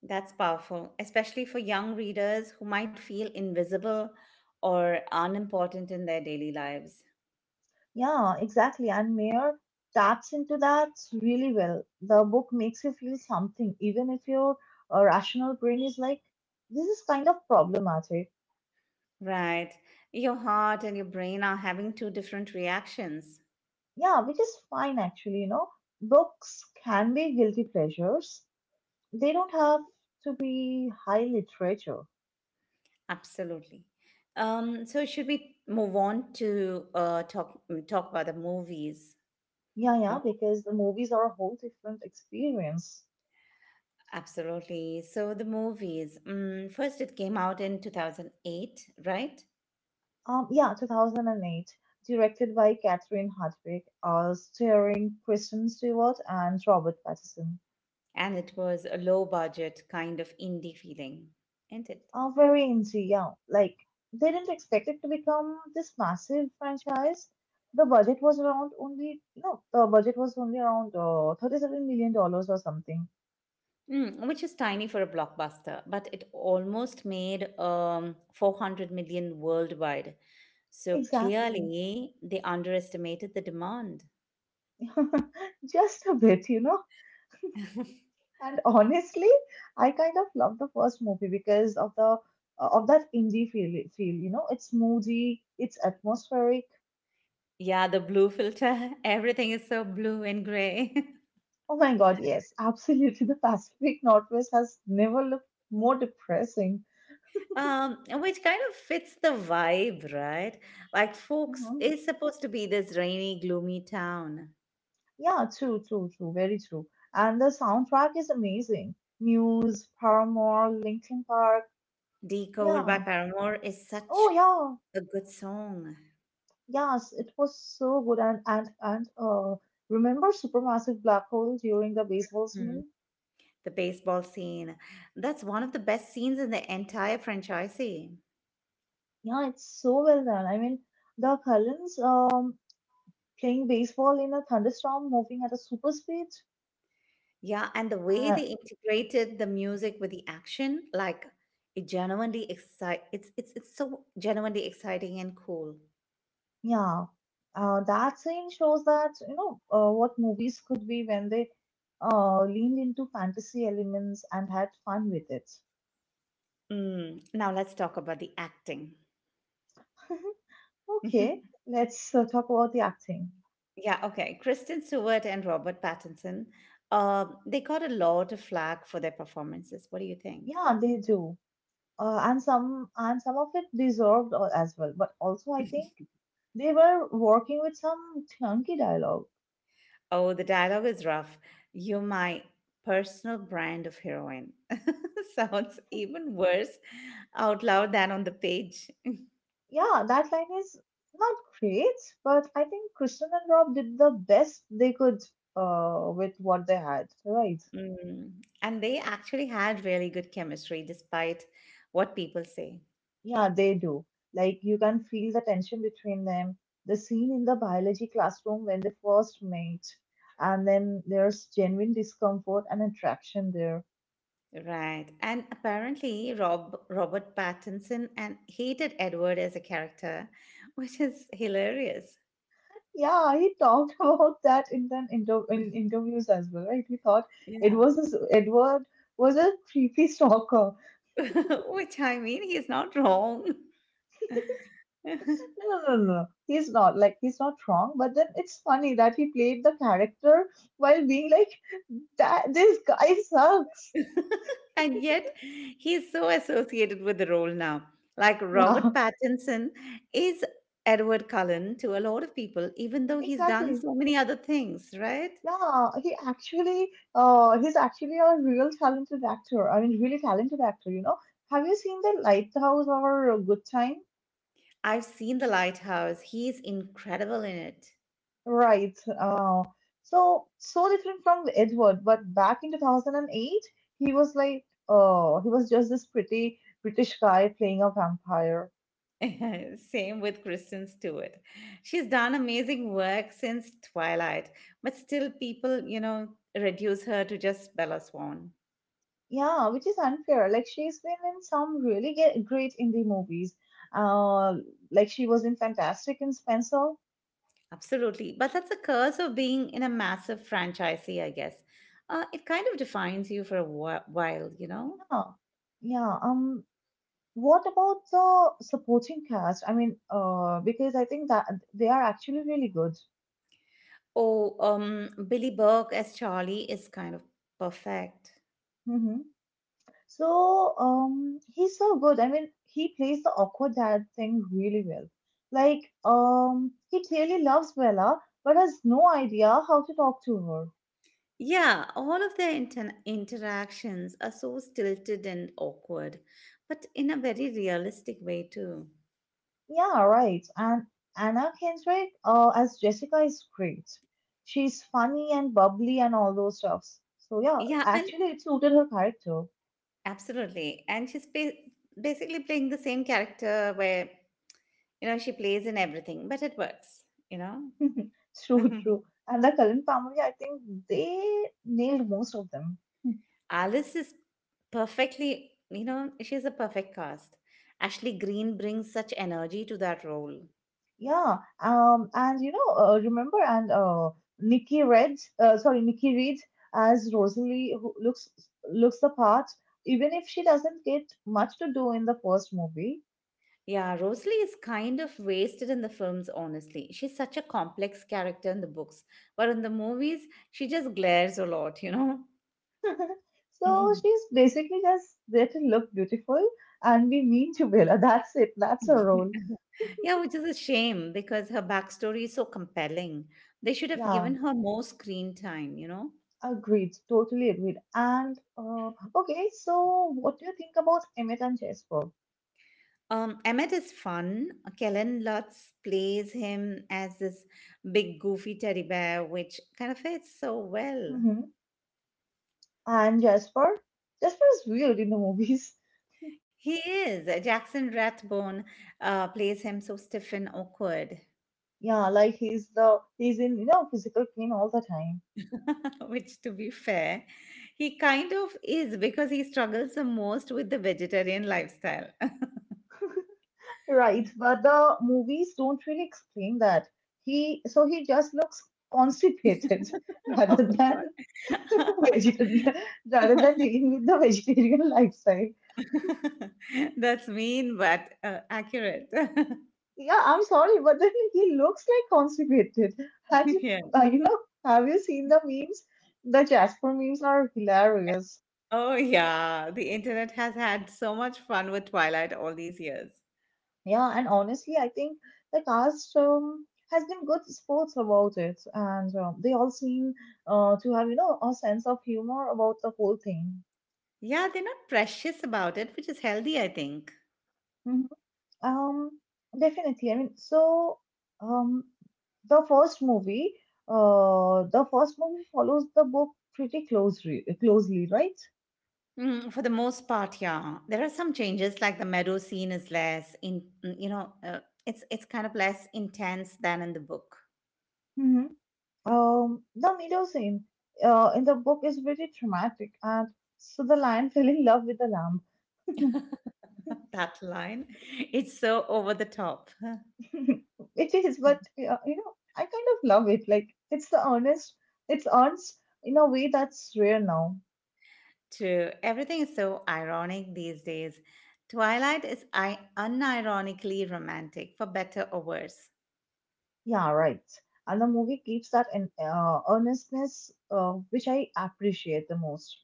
That's powerful, especially for young readers who might feel invisible or unimportant in their daily lives.
Yeah, exactly. And Mayor taps into that really well. The book makes you feel something, even if your rational brain is like, this is kind of problematic.
Right. Your heart and your brain are having two different reactions.
Yeah, which is fine actually, you know. Books can be guilty pleasures. They don't have to be high literature.
Absolutely. So should we move on to talk about the movies?
Yeah,
You
yeah,
know,
because the movies are a whole different experience.
Absolutely. So the movies. First, it came out in 2008, right?
Yeah, 2008, directed by Catherine Hardwicke, starring Kristen Stewart and Robert Pattinson.
And it was a low budget kind of indie feeling, isn't it?
Very indie, yeah. Like, they didn't expect it to become this massive franchise. The budget was around only, no, The budget was only around $37 million dollars or something.
Mm, which is tiny for a blockbuster, but it almost made 400 million worldwide. So
Exactly.
clearly, they underestimated the demand.
Just a bit, you know. And honestly, I kind of love the first movie because of the of that indie feel. Feel, you know, it's moody, it's atmospheric.
Yeah, the blue filter. Everything is so blue and gray.
Oh my God, yes, absolutely. The Pacific Northwest has never looked more depressing.
Which kind of fits the vibe, right? Like Folks
Hmm.
is supposed to be this rainy, gloomy town.
Yeah, true, true, true, very true. And the soundtrack is amazing. Muse, Paramore, Linkin Park.
Decode by
Yeah.
Paramore is
Oh
such
yeah.
a good song.
Yes, it was so good. And Remember Supermassive Black Hole during the baseball scene?
The baseball scene. That's one of the best scenes in the entire franchise.
Yeah, it's so well done. I mean, the Cullens playing baseball in a thunderstorm, moving at a super speed.
Yeah, and the way
Uh,
they integrated the music with the action, like it genuinely excite it's so genuinely exciting and cool.
yeah, that scene shows that, you know, what movies could be when they leaned into fantasy elements and had fun with it.
Mm, now let's talk about the acting.
Okay, let's talk about the acting.
Yeah, okay. Kristen Stewart and Robert Pattinson, they got a lot of flack for their performances. What do you think?
Yeah, they do, and some of it deserved as well. But also, I think they were working with some clunky dialogue.
Oh, the dialogue is rough. You're my personal brand of heroine. Sounds even worse out loud than on the page.
Yeah, that line is not great, but I think Kristen and Rob did the best they could with what they had, right?
Mm. And they actually had really good chemistry despite what people say.
Yeah, they do. Like, you can feel the tension between them. The scene in the biology classroom when they first met, and then there's genuine discomfort and attraction there.
Right. And apparently Robert Pattinson and hated Edward as a character, which is hilarious.
Yeah, he talked about that in the inter- in interviews as well, right? He thought it
Yeah.
was Edward was a creepy stalker.
Which I mean he's not wrong.
No, no, no, no, no. He's not wrong, but then it's funny that he played the character while being like that. This guy sucks.
And yet he is so associated with the role now. Like
Yeah,
Robert Pattinson is Edward Cullen to a lot of people, even though he's done
exactly.
so many other things, right?
Yeah, he actually, he's actually a real talented actor. I mean, really talented actor. You know, have you seen The Lighthouse or Good Time?
I've seen The Lighthouse. He's incredible in
Right. So, so different from Edward, but back in 2008, he was like, he was just this pretty British guy playing a vampire.
it. Same with Kristen Stewart. She's done amazing work since Twilight, but still people, reduce her to just Bella Swan.
Yeah, which is unfair. Like, she's been in some really great indie movies. Uh, like, she was in Fantastic and Spencer.
Absolutely. But that's the curse of being in a massive franchisee, I guess. It kind of defines you for a while, you know?
Yeah, yeah. What about the supporting cast? I mean, because I think that they are actually really good.
Oh, Billy Burke as Charlie is kind of perfect.
Hmm. So, he's so good. I mean, he plays the awkward dad thing really well. Like, he clearly loves Bella, but has no idea how to talk to her.
Yeah, all of their interactions are so stilted and awkward, but in a very realistic way, too.
Yeah, right. And Anna Kendrick, as Jessica, is great. She's funny and bubbly and all those stuffs. So yeah,
Yeah, and
actually, it suited her character.
absolutely. And she's basically playing the same character where, she plays in everything, but it works, you know?
True, true. And the Cullen family, I think they nailed most of them.
Alice is perfectly, you know, she's a perfect cast. Ashley Greene brings such energy to that role.
Yeah, and you know, remember, and Nikki Red, sorry, Nikki Reed as Rosalie, who looks the part, even if she doesn't get much to do in the first movie.
Yeah, Rosalie is kind of wasted in the films, honestly. She's such a complex character in the books, but in the movies, she just glares a lot, you know?
So,
Mhm.
she's basically just there to look beautiful and be mean to Bella. That's it. That's her role.
Yeah, which is a shame because her backstory is so compelling. They should have
Yeah,
given her more screen time, you know?
agreed. Totally agreed. And okay, so what do you think about Emmett and Jasper?
Emmett is fun. Kellen Lutz plays him as this big goofy teddy bear, which kind of fits so well.
Hmm. And Jasper? Jasper is weird in the movies.
He is. Jackson Rathbone plays him so stiff and awkward,
Yeah, like, he's in, you know, physical pain all the time.
which, to be fair, he kind of is because he struggles the most with the vegetarian lifestyle.
Right, but the movies don't really explain that. He just looks constipated rather
Oh
than vegetarian
God.
rather than dealing with the vegetarian lifestyle.
That's mean, but accurate.
Yeah, I'm sorry, but then he looks like constipated. And,
Yeah.
you know, have you seen the memes? The Jasper memes are hilarious.
Oh, yeah. The internet has had so much fun with Twilight all these years.
Yeah, and honestly, I think the cast, has been good sports about it, and, they all seem to have, you know, a sense of humor about the whole thing.
Yeah, they're not precious about it, which is healthy, I think.
Mhm. Um, definitely. I mean, so, um, the first movie, the first movie follows the book pretty closely, closely, right?
Mm, for the most part, yeah. There are some changes, like the meadow scene is less in, it's kind of less intense than in the book.
The meadow scene in the book is very dramatic, and so the lion fell in love with the lamb.
that line, it's so over the top.
It is, but, you know, I kind of love it. Like, it's earnest in a way that's rare now.
True, everything is so ironic these days. Twilight is unironically romantic, for better or worse.
Yeah, right. And the movie keeps that in, earnestness, which I appreciate the most.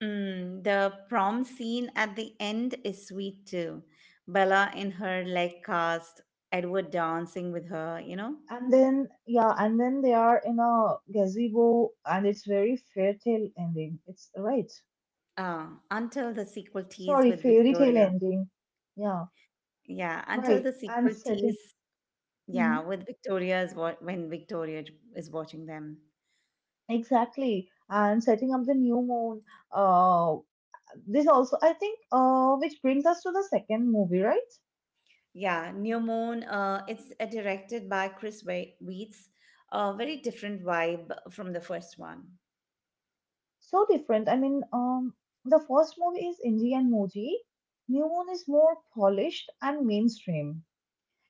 Mm, the prom scene at the end is sweet too. Bella in her leg cast, Edward dancing with her,
And then, yeah, and then they are in a gazebo, and it's very fairy tale ending. It's right.
until the sequel tease
Sorry,
with
fairy tale
Victoria.
ending. Yeah.
Yeah, until
Right,
the
and
sequel
setting.
tease, yeah,
Mhm.
with Victoria is what when is watching them.
Exactly, and setting up the New Moon. Uh, this also, I think, which brings us to the second movie, right?
Yeah, New Moon, it's directed by Chris Weitz, a very different vibe from the first one.
So different. I mean, the first movie is indie and Moji. New Moon is more polished and mainstream.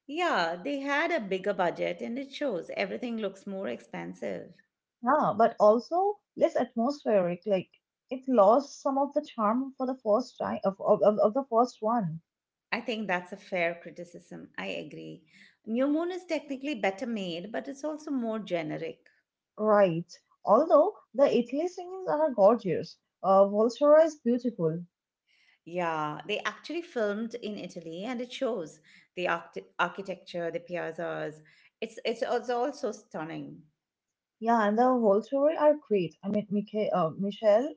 Yeah, they had a bigger budget and it shows everything looks more expensive.
Yeah, but also less atmospheric. Like, it lost some of the charm for the first time of the first one.
I think that's a fair criticism. I agree. New Moon is technically better made, but it's also more generic.
Right. Although the Italy singings are gorgeous. Volterra is beautiful.
Yeah, they actually filmed in Italy and it shows the architecture, the piazzas. It's also stunning.
Yeah, and the whole story are great. I mean, Michael, Michelle,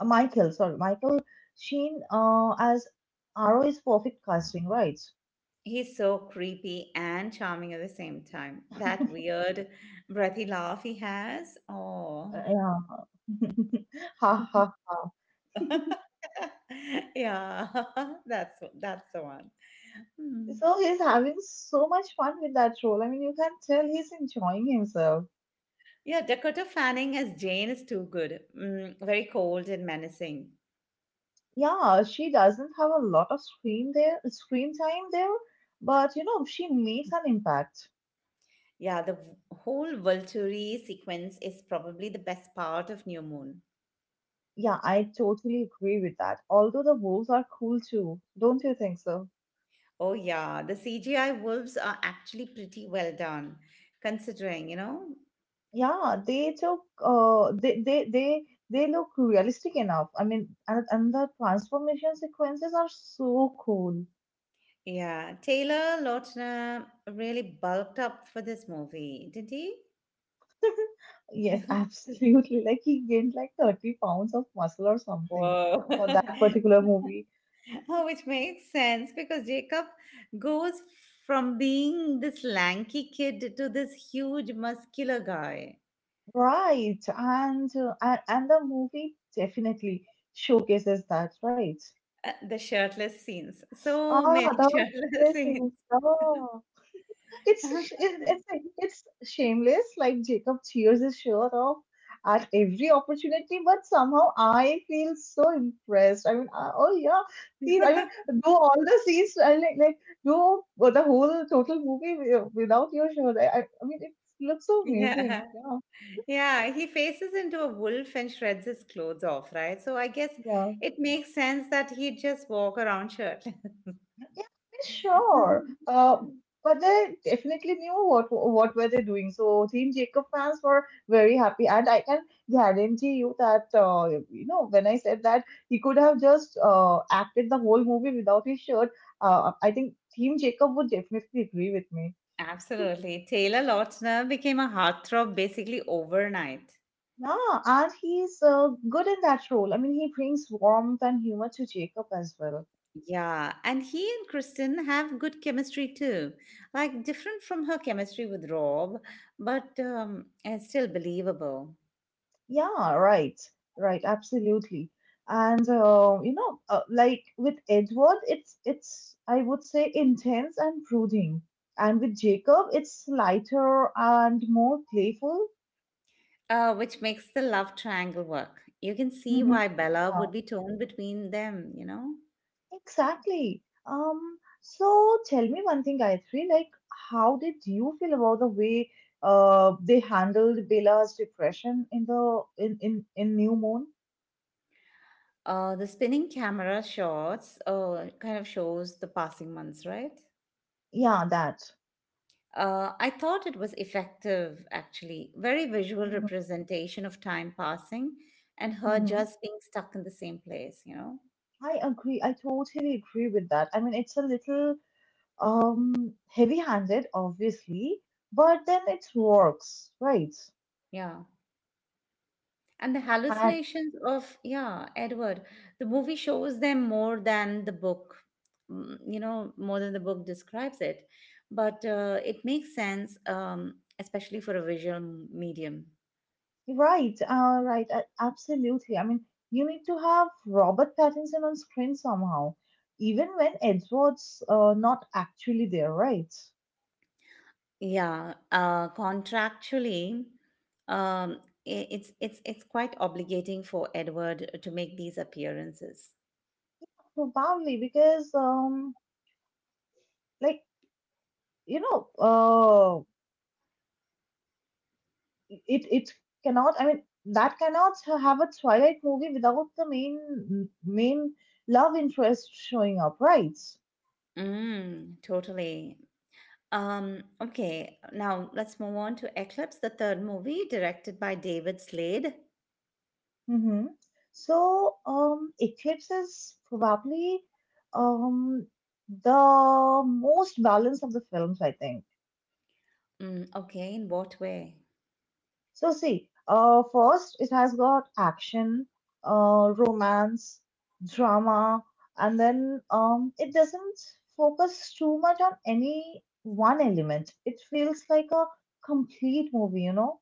Michael, sorry, Michael Sheen as Arrow is perfect casting, right?
He's so creepy and charming at the same time. That weird breathy laugh he has. Oh.
Yeah, ha, ha.
yeah. That's that's the one. Hmm.
So, he's having so much fun with that role. I mean, you can tell he's enjoying himself.
Yeah, Dakota Fanning as Jane is too good. Mm, very cold and menacing.
Yeah, she doesn't have a lot of screen there, screen time there, but, you know, she makes an impact.
Yeah, the whole Volturi sequence is probably the best part of New Moon.
Yeah, I totally agree with that. Although the wolves are cool too, don't you think so?
Oh, yeah, the CGI wolves are actually pretty well done, considering, you know?
Yeah, they took they look realistic enough. I mean, and the transformation sequences are so cool.
Yeah, Taylor Lautner really bulked up for this movie, didn't he?
Yes, absolutely. Like, he gained like 30 pounds of muscle or something
Whoa.
for that particular movie.
Oh, which makes sense because Jacob goes from being this lanky kid to this huge muscular guy.
Right. And the movie definitely showcases that, right?
The shirtless scenes. So
Ah,
many
that was
shirtless scenes.
missing. Oh. It's sh- it's shameless. Like, Jacob cheers his shirt off at every opportunity, but somehow I feel so impressed. I mean, I, oh yeah, see, I mean, do all the scenes like do the whole total movie without your shirt. I mean, it looks so amazing.
Yeah.
Yeah,
Yeah. He faces into a wolf and shreds his clothes off, right? So I guess
yeah.
it makes sense that he'd just walk around shirtless.
Yeah, sure. But they definitely knew what were they doing. So Team Jacob fans were very happy, and I can guarantee you that you know, when I said that he could have just acted the whole movie without his shirt. I think Team Jacob would definitely agree with me.
Absolutely. Taylor Lautner became a heartthrob basically overnight.
Yeah, and he's good in that role. I mean, he brings warmth and humor to Jacob as well.
Yeah, and he and Kristen have good chemistry too. Like different from her chemistry with Rob, but it's still believable,
Yeah, right, right, absolutely. And you know, like with Edward, it's I would say intense and brooding, and with Jacob, it's lighter and more playful.
which makes the love triangle work. You can see
Hmm.
why Bella would
Yeah,
be torn between them, you know?
exactly. So tell me one thing, Gayatri, like how did you feel about the way they handled Bella's depression in the in New Moon?
The spinning camera shots kind of shows the passing months, right?
Yeah, that.
I thought it was effective, actually. Very visual
Mm-hmm.
representation of time passing and her
Mm-hmm.
just being stuck in the same place, you know?
I agree. I totally agree with that. I mean, it's a little heavy-handed, obviously, but then it works, right?
Yeah. And the
And
hallucinations of, yeah, Edward, the movie shows them more than the book, more than the book describes it. But it makes sense, especially for a visual medium.
right, right, absolutely. I mean, you need to have Robert Pattinson on screen somehow, even when Edward's not actually there, right?
Yeah, contractually, um, it's quite obligating for Edward to make these appearances.
Probably because like you know, uh, it cannot, I mean, that cannot have a Twilight movie without the main love interest showing up, right?
Mm, totally. Okay, now let's move on to Eclipse, the third movie directed by David Slade.
Mm-hmm. So Eclipse is probably um the most balanced of the films, I think.
Mm, okay, in what way?
So see, first it has got action, romance, drama, and then it doesn't focus too much on any one element. It feels like a complete movie, you know?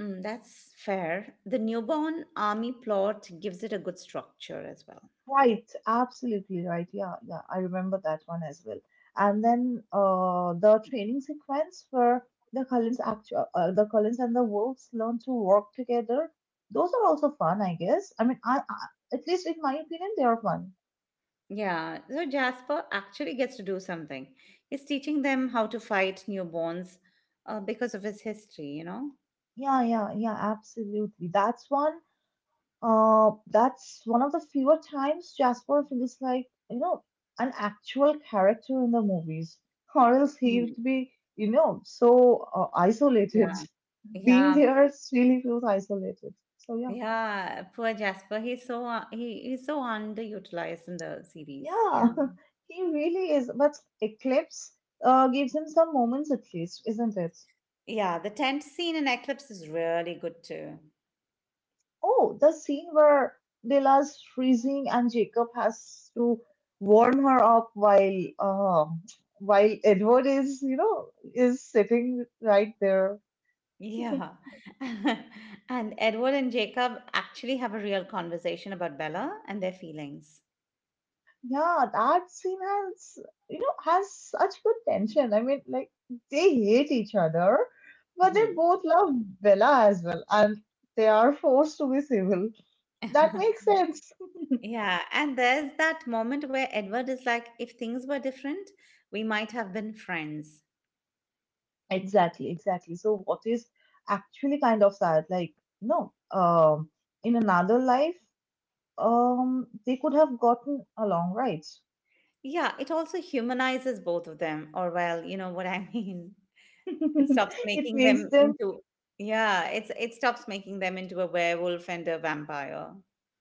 Mm, that's fair. The newborn army plot gives it a good structure as well.
Right, absolutely right. Yeah, yeah, I remember that one as well. And then the training sequence where the Cullens and the wolves learn to work together. Those are also fun, I guess. I mean, I at least in my opinion, they are fun.
Yeah, so Jasper actually gets to do something. He's teaching them how to fight newborns because of his history, you know?
Yeah, yeah, yeah, absolutely. That's one of the fewer times Jasper feels like, you know, an actual character in the movies, or else he would
Hmm.
be, you know, so isolated.
Yeah,
Being
yeah,
there really feels isolated. So, yeah,
yeah. Poor Jasper. He's so he's so underutilized in the series.
yeah,
Yeah.
he really is. But Eclipse gives him some moments at least, isn't it?
Yeah, the tent scene in Eclipse is really good too.
Oh, the scene where Lila's freezing and Jacob has to warm her up while Edward is, you know, is sitting right there.
Yeah. and Edward and Jacob actually have a real conversation about Bella and their feelings.
Yeah, that scene has, you know, has such good tension. I mean, like they hate each other, but they
Mhm.
both love Bella as well, and they are forced to be civil. That makes sense.
yeah. And there's that moment where Edward is like, if things were different, we might have been friends.
Exactly, exactly. So what is actually kind of sad, like, no, in another life, they could have gotten along, right?
Yeah. It also humanizes both of them, or, well, you know what I mean? It stops
It
making
makes
them
them,
into. Yeah, it's it stops making them into a werewolf and a vampire.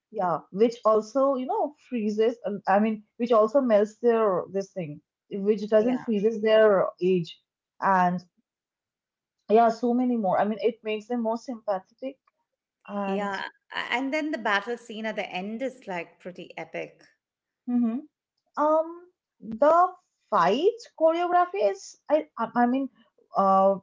yeah, which also, you know, freezes, I mean, which also melts their this thing, which doesn't
Yeah.
freezes their age. And yeah, so many more. I mean, it makes them more sympathetic and
Yeah. And then the battle scene at the end is like pretty epic.
hmm um the fight choreography is I mean uh,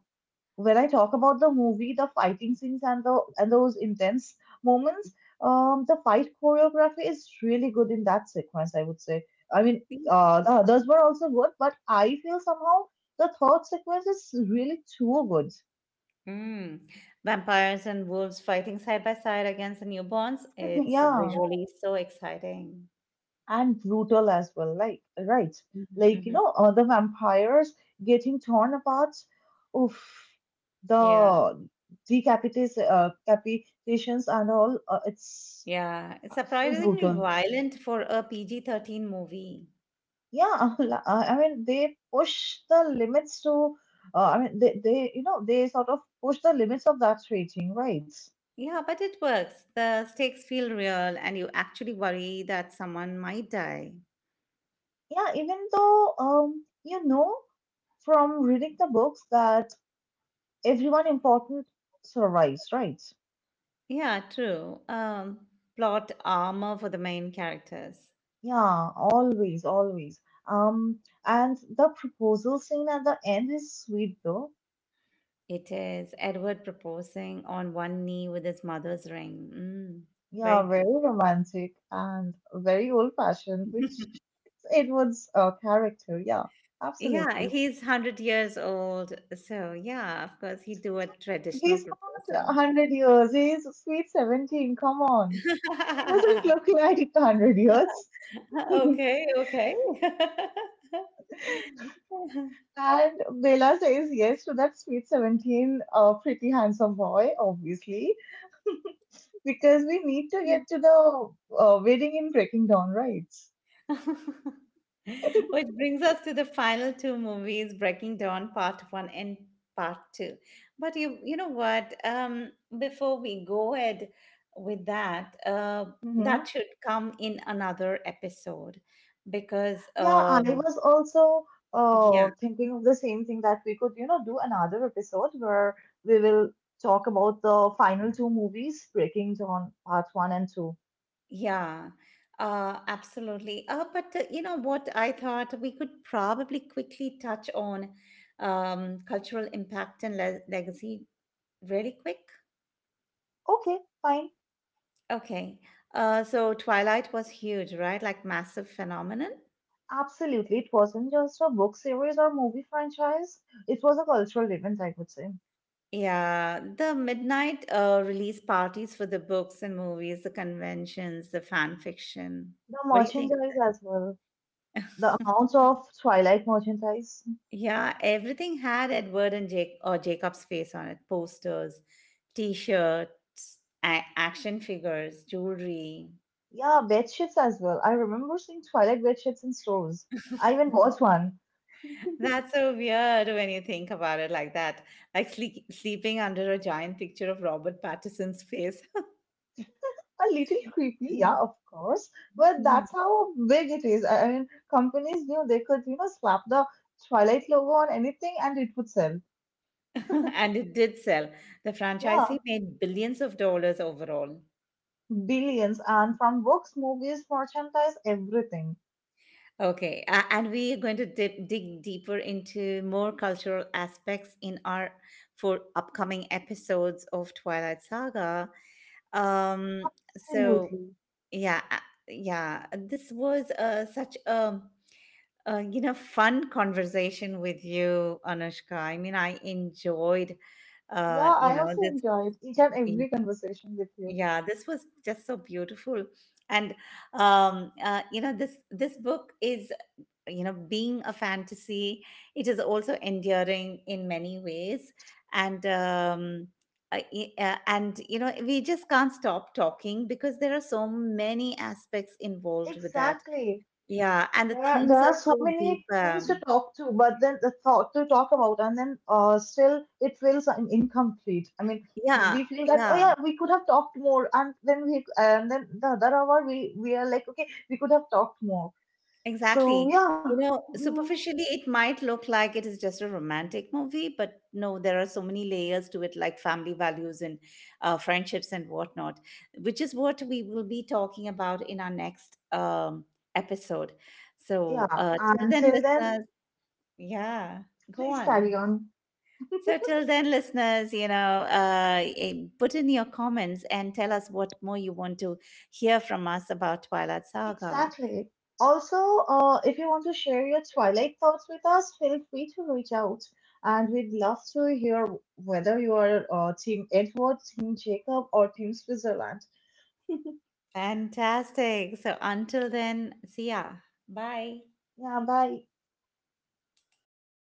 when I talk about the movie, the fighting scenes and the and those intense moments, the fight choreography is really good in that sequence, I would say. I mean, the others were also good, but I feel somehow the third sequence is really too good.
Mm. Vampires and wolves fighting side by side against the newborns. It's
Yeah,
visually so exciting.
and brutal as well. Like right,
Hmm
like you
hmm
know, the vampires getting torn apart. Oof,
Yeah,
the decapitations and all. It's
yeah. It's
so
surprisingly
brutal.
violent for a PG-13 movie.
Yeah, I mean they push the limits to they, you know, they sort of push the limits of that rating, right?
Yeah, but it works. The stakes feel real, and you actually worry that someone might die.
Yeah, even though you know, from reading the books, that everyone important survives, right?
Yeah, true. Plot armor for the main characters.
Yeah, always, always. um and the proposal scene at the end is sweet, though.
It is Edward proposing on one knee with his mother's ring. Mm,
Yeah,
very
very romantic and very old fashioned, which
beautiful.
it was a character. Yeah,
Yeah,
absolutely.
he's 100 years old. So, yeah, of course, he do a traditional
He's not
proposal.
100 years, he's sweet 17. Come on. He doesn't look like 100 years.
Okay, okay.
And Bella says yes to that sweet 17, pretty handsome boy, obviously, because we need to get to the wedding in Breaking Dawn, right?
Which brings us to the final two movies, Breaking Dawn Part 1 and Part 2. But you know what? Before we go ahead with that,
Hmm.
that should come in another episode because
Yeah, I was also
yeah.
thinking of the same thing, that we could, you know, do another episode where we will talk about the final two movies, Breaking Dawn Part 1 and 2.
Yeah, absolutely. But you know what? I thought we could probably quickly touch on cultural impact and le legacy really quick.
Okay, fine.
Okay. So Twilight was huge, right? Like massive phenomenon.
Absolutely. It wasn't just a book series or movie franchise, it was a cultural event, I would say.
Yeah, the midnight release parties for the books and movies, the conventions, the fan fiction.
The
What do you think of
merchandise as well, the amount of Twilight merchandise.
that? Yeah, everything had Edward and Jake or Jacob's face on it, posters, T-shirts, action figures, jewelry.
Yeah, bed sheets as well. I remember seeing Twilight bed sheets in stores. I even bought one.
That's so weird when you think about it like that. Like sleeping under a giant picture of Robert Pattinson's face.
A little creepy, yeah, of course, but that's how big it is. I mean, companies knew they could, you know, slap the Twilight logo on anything and it would sell.
and it did sell. The
Yeah,
franchisee made billions of dollars overall.
billions, and from books, movies, merchandise, everything.
Okay, and we are going to dig deeper into more cultural aspects in our for upcoming episodes of Twilight Saga. Um, so
Absolutely.
yeah, yeah. This was such a you know fun conversation with you, Anushka. I mean, I enjoyed
Yeah,
you
I
know
also
this.
enjoyed each and
y-
every conversation with you.
Yeah, this was just so beautiful, and you know this book is you know being a fantasy. It is also endearing in many ways, and. And you know we just can't stop talking because there are so many aspects involved with that
Exactly.
yeah, and the
There
themes
are
are
so
so deep.
many things to talk to, but then the thought to talk about, and then still it feels incomplete. I mean,
Yeah,
we feel that, oh
yeah,
yeah, we could have talked more, and then the other hour we are like, okay, we could have talked more. So
exactly.
yeah,
You know,
mm,
superficially, it might look like it is just a romantic movie, but no, there are so many layers to it, like family values and friendships and whatnot, which is what we will be talking about in our next episode. So,
yeah.
till then,
Until then,
listeners, yeah, go
please carry
on.
on.
So, till then, listeners, you know, put in your comments and tell us what more you want to hear from us about Twilight Saga.
Exactly. Also, if you want to share your Twilight thoughts with us, feel free to reach out. And we'd love to hear whether you are Team Edward, Team Jacob, or Team Switzerland.
Fantastic. So, until then, see ya. Bye.
Yeah, bye.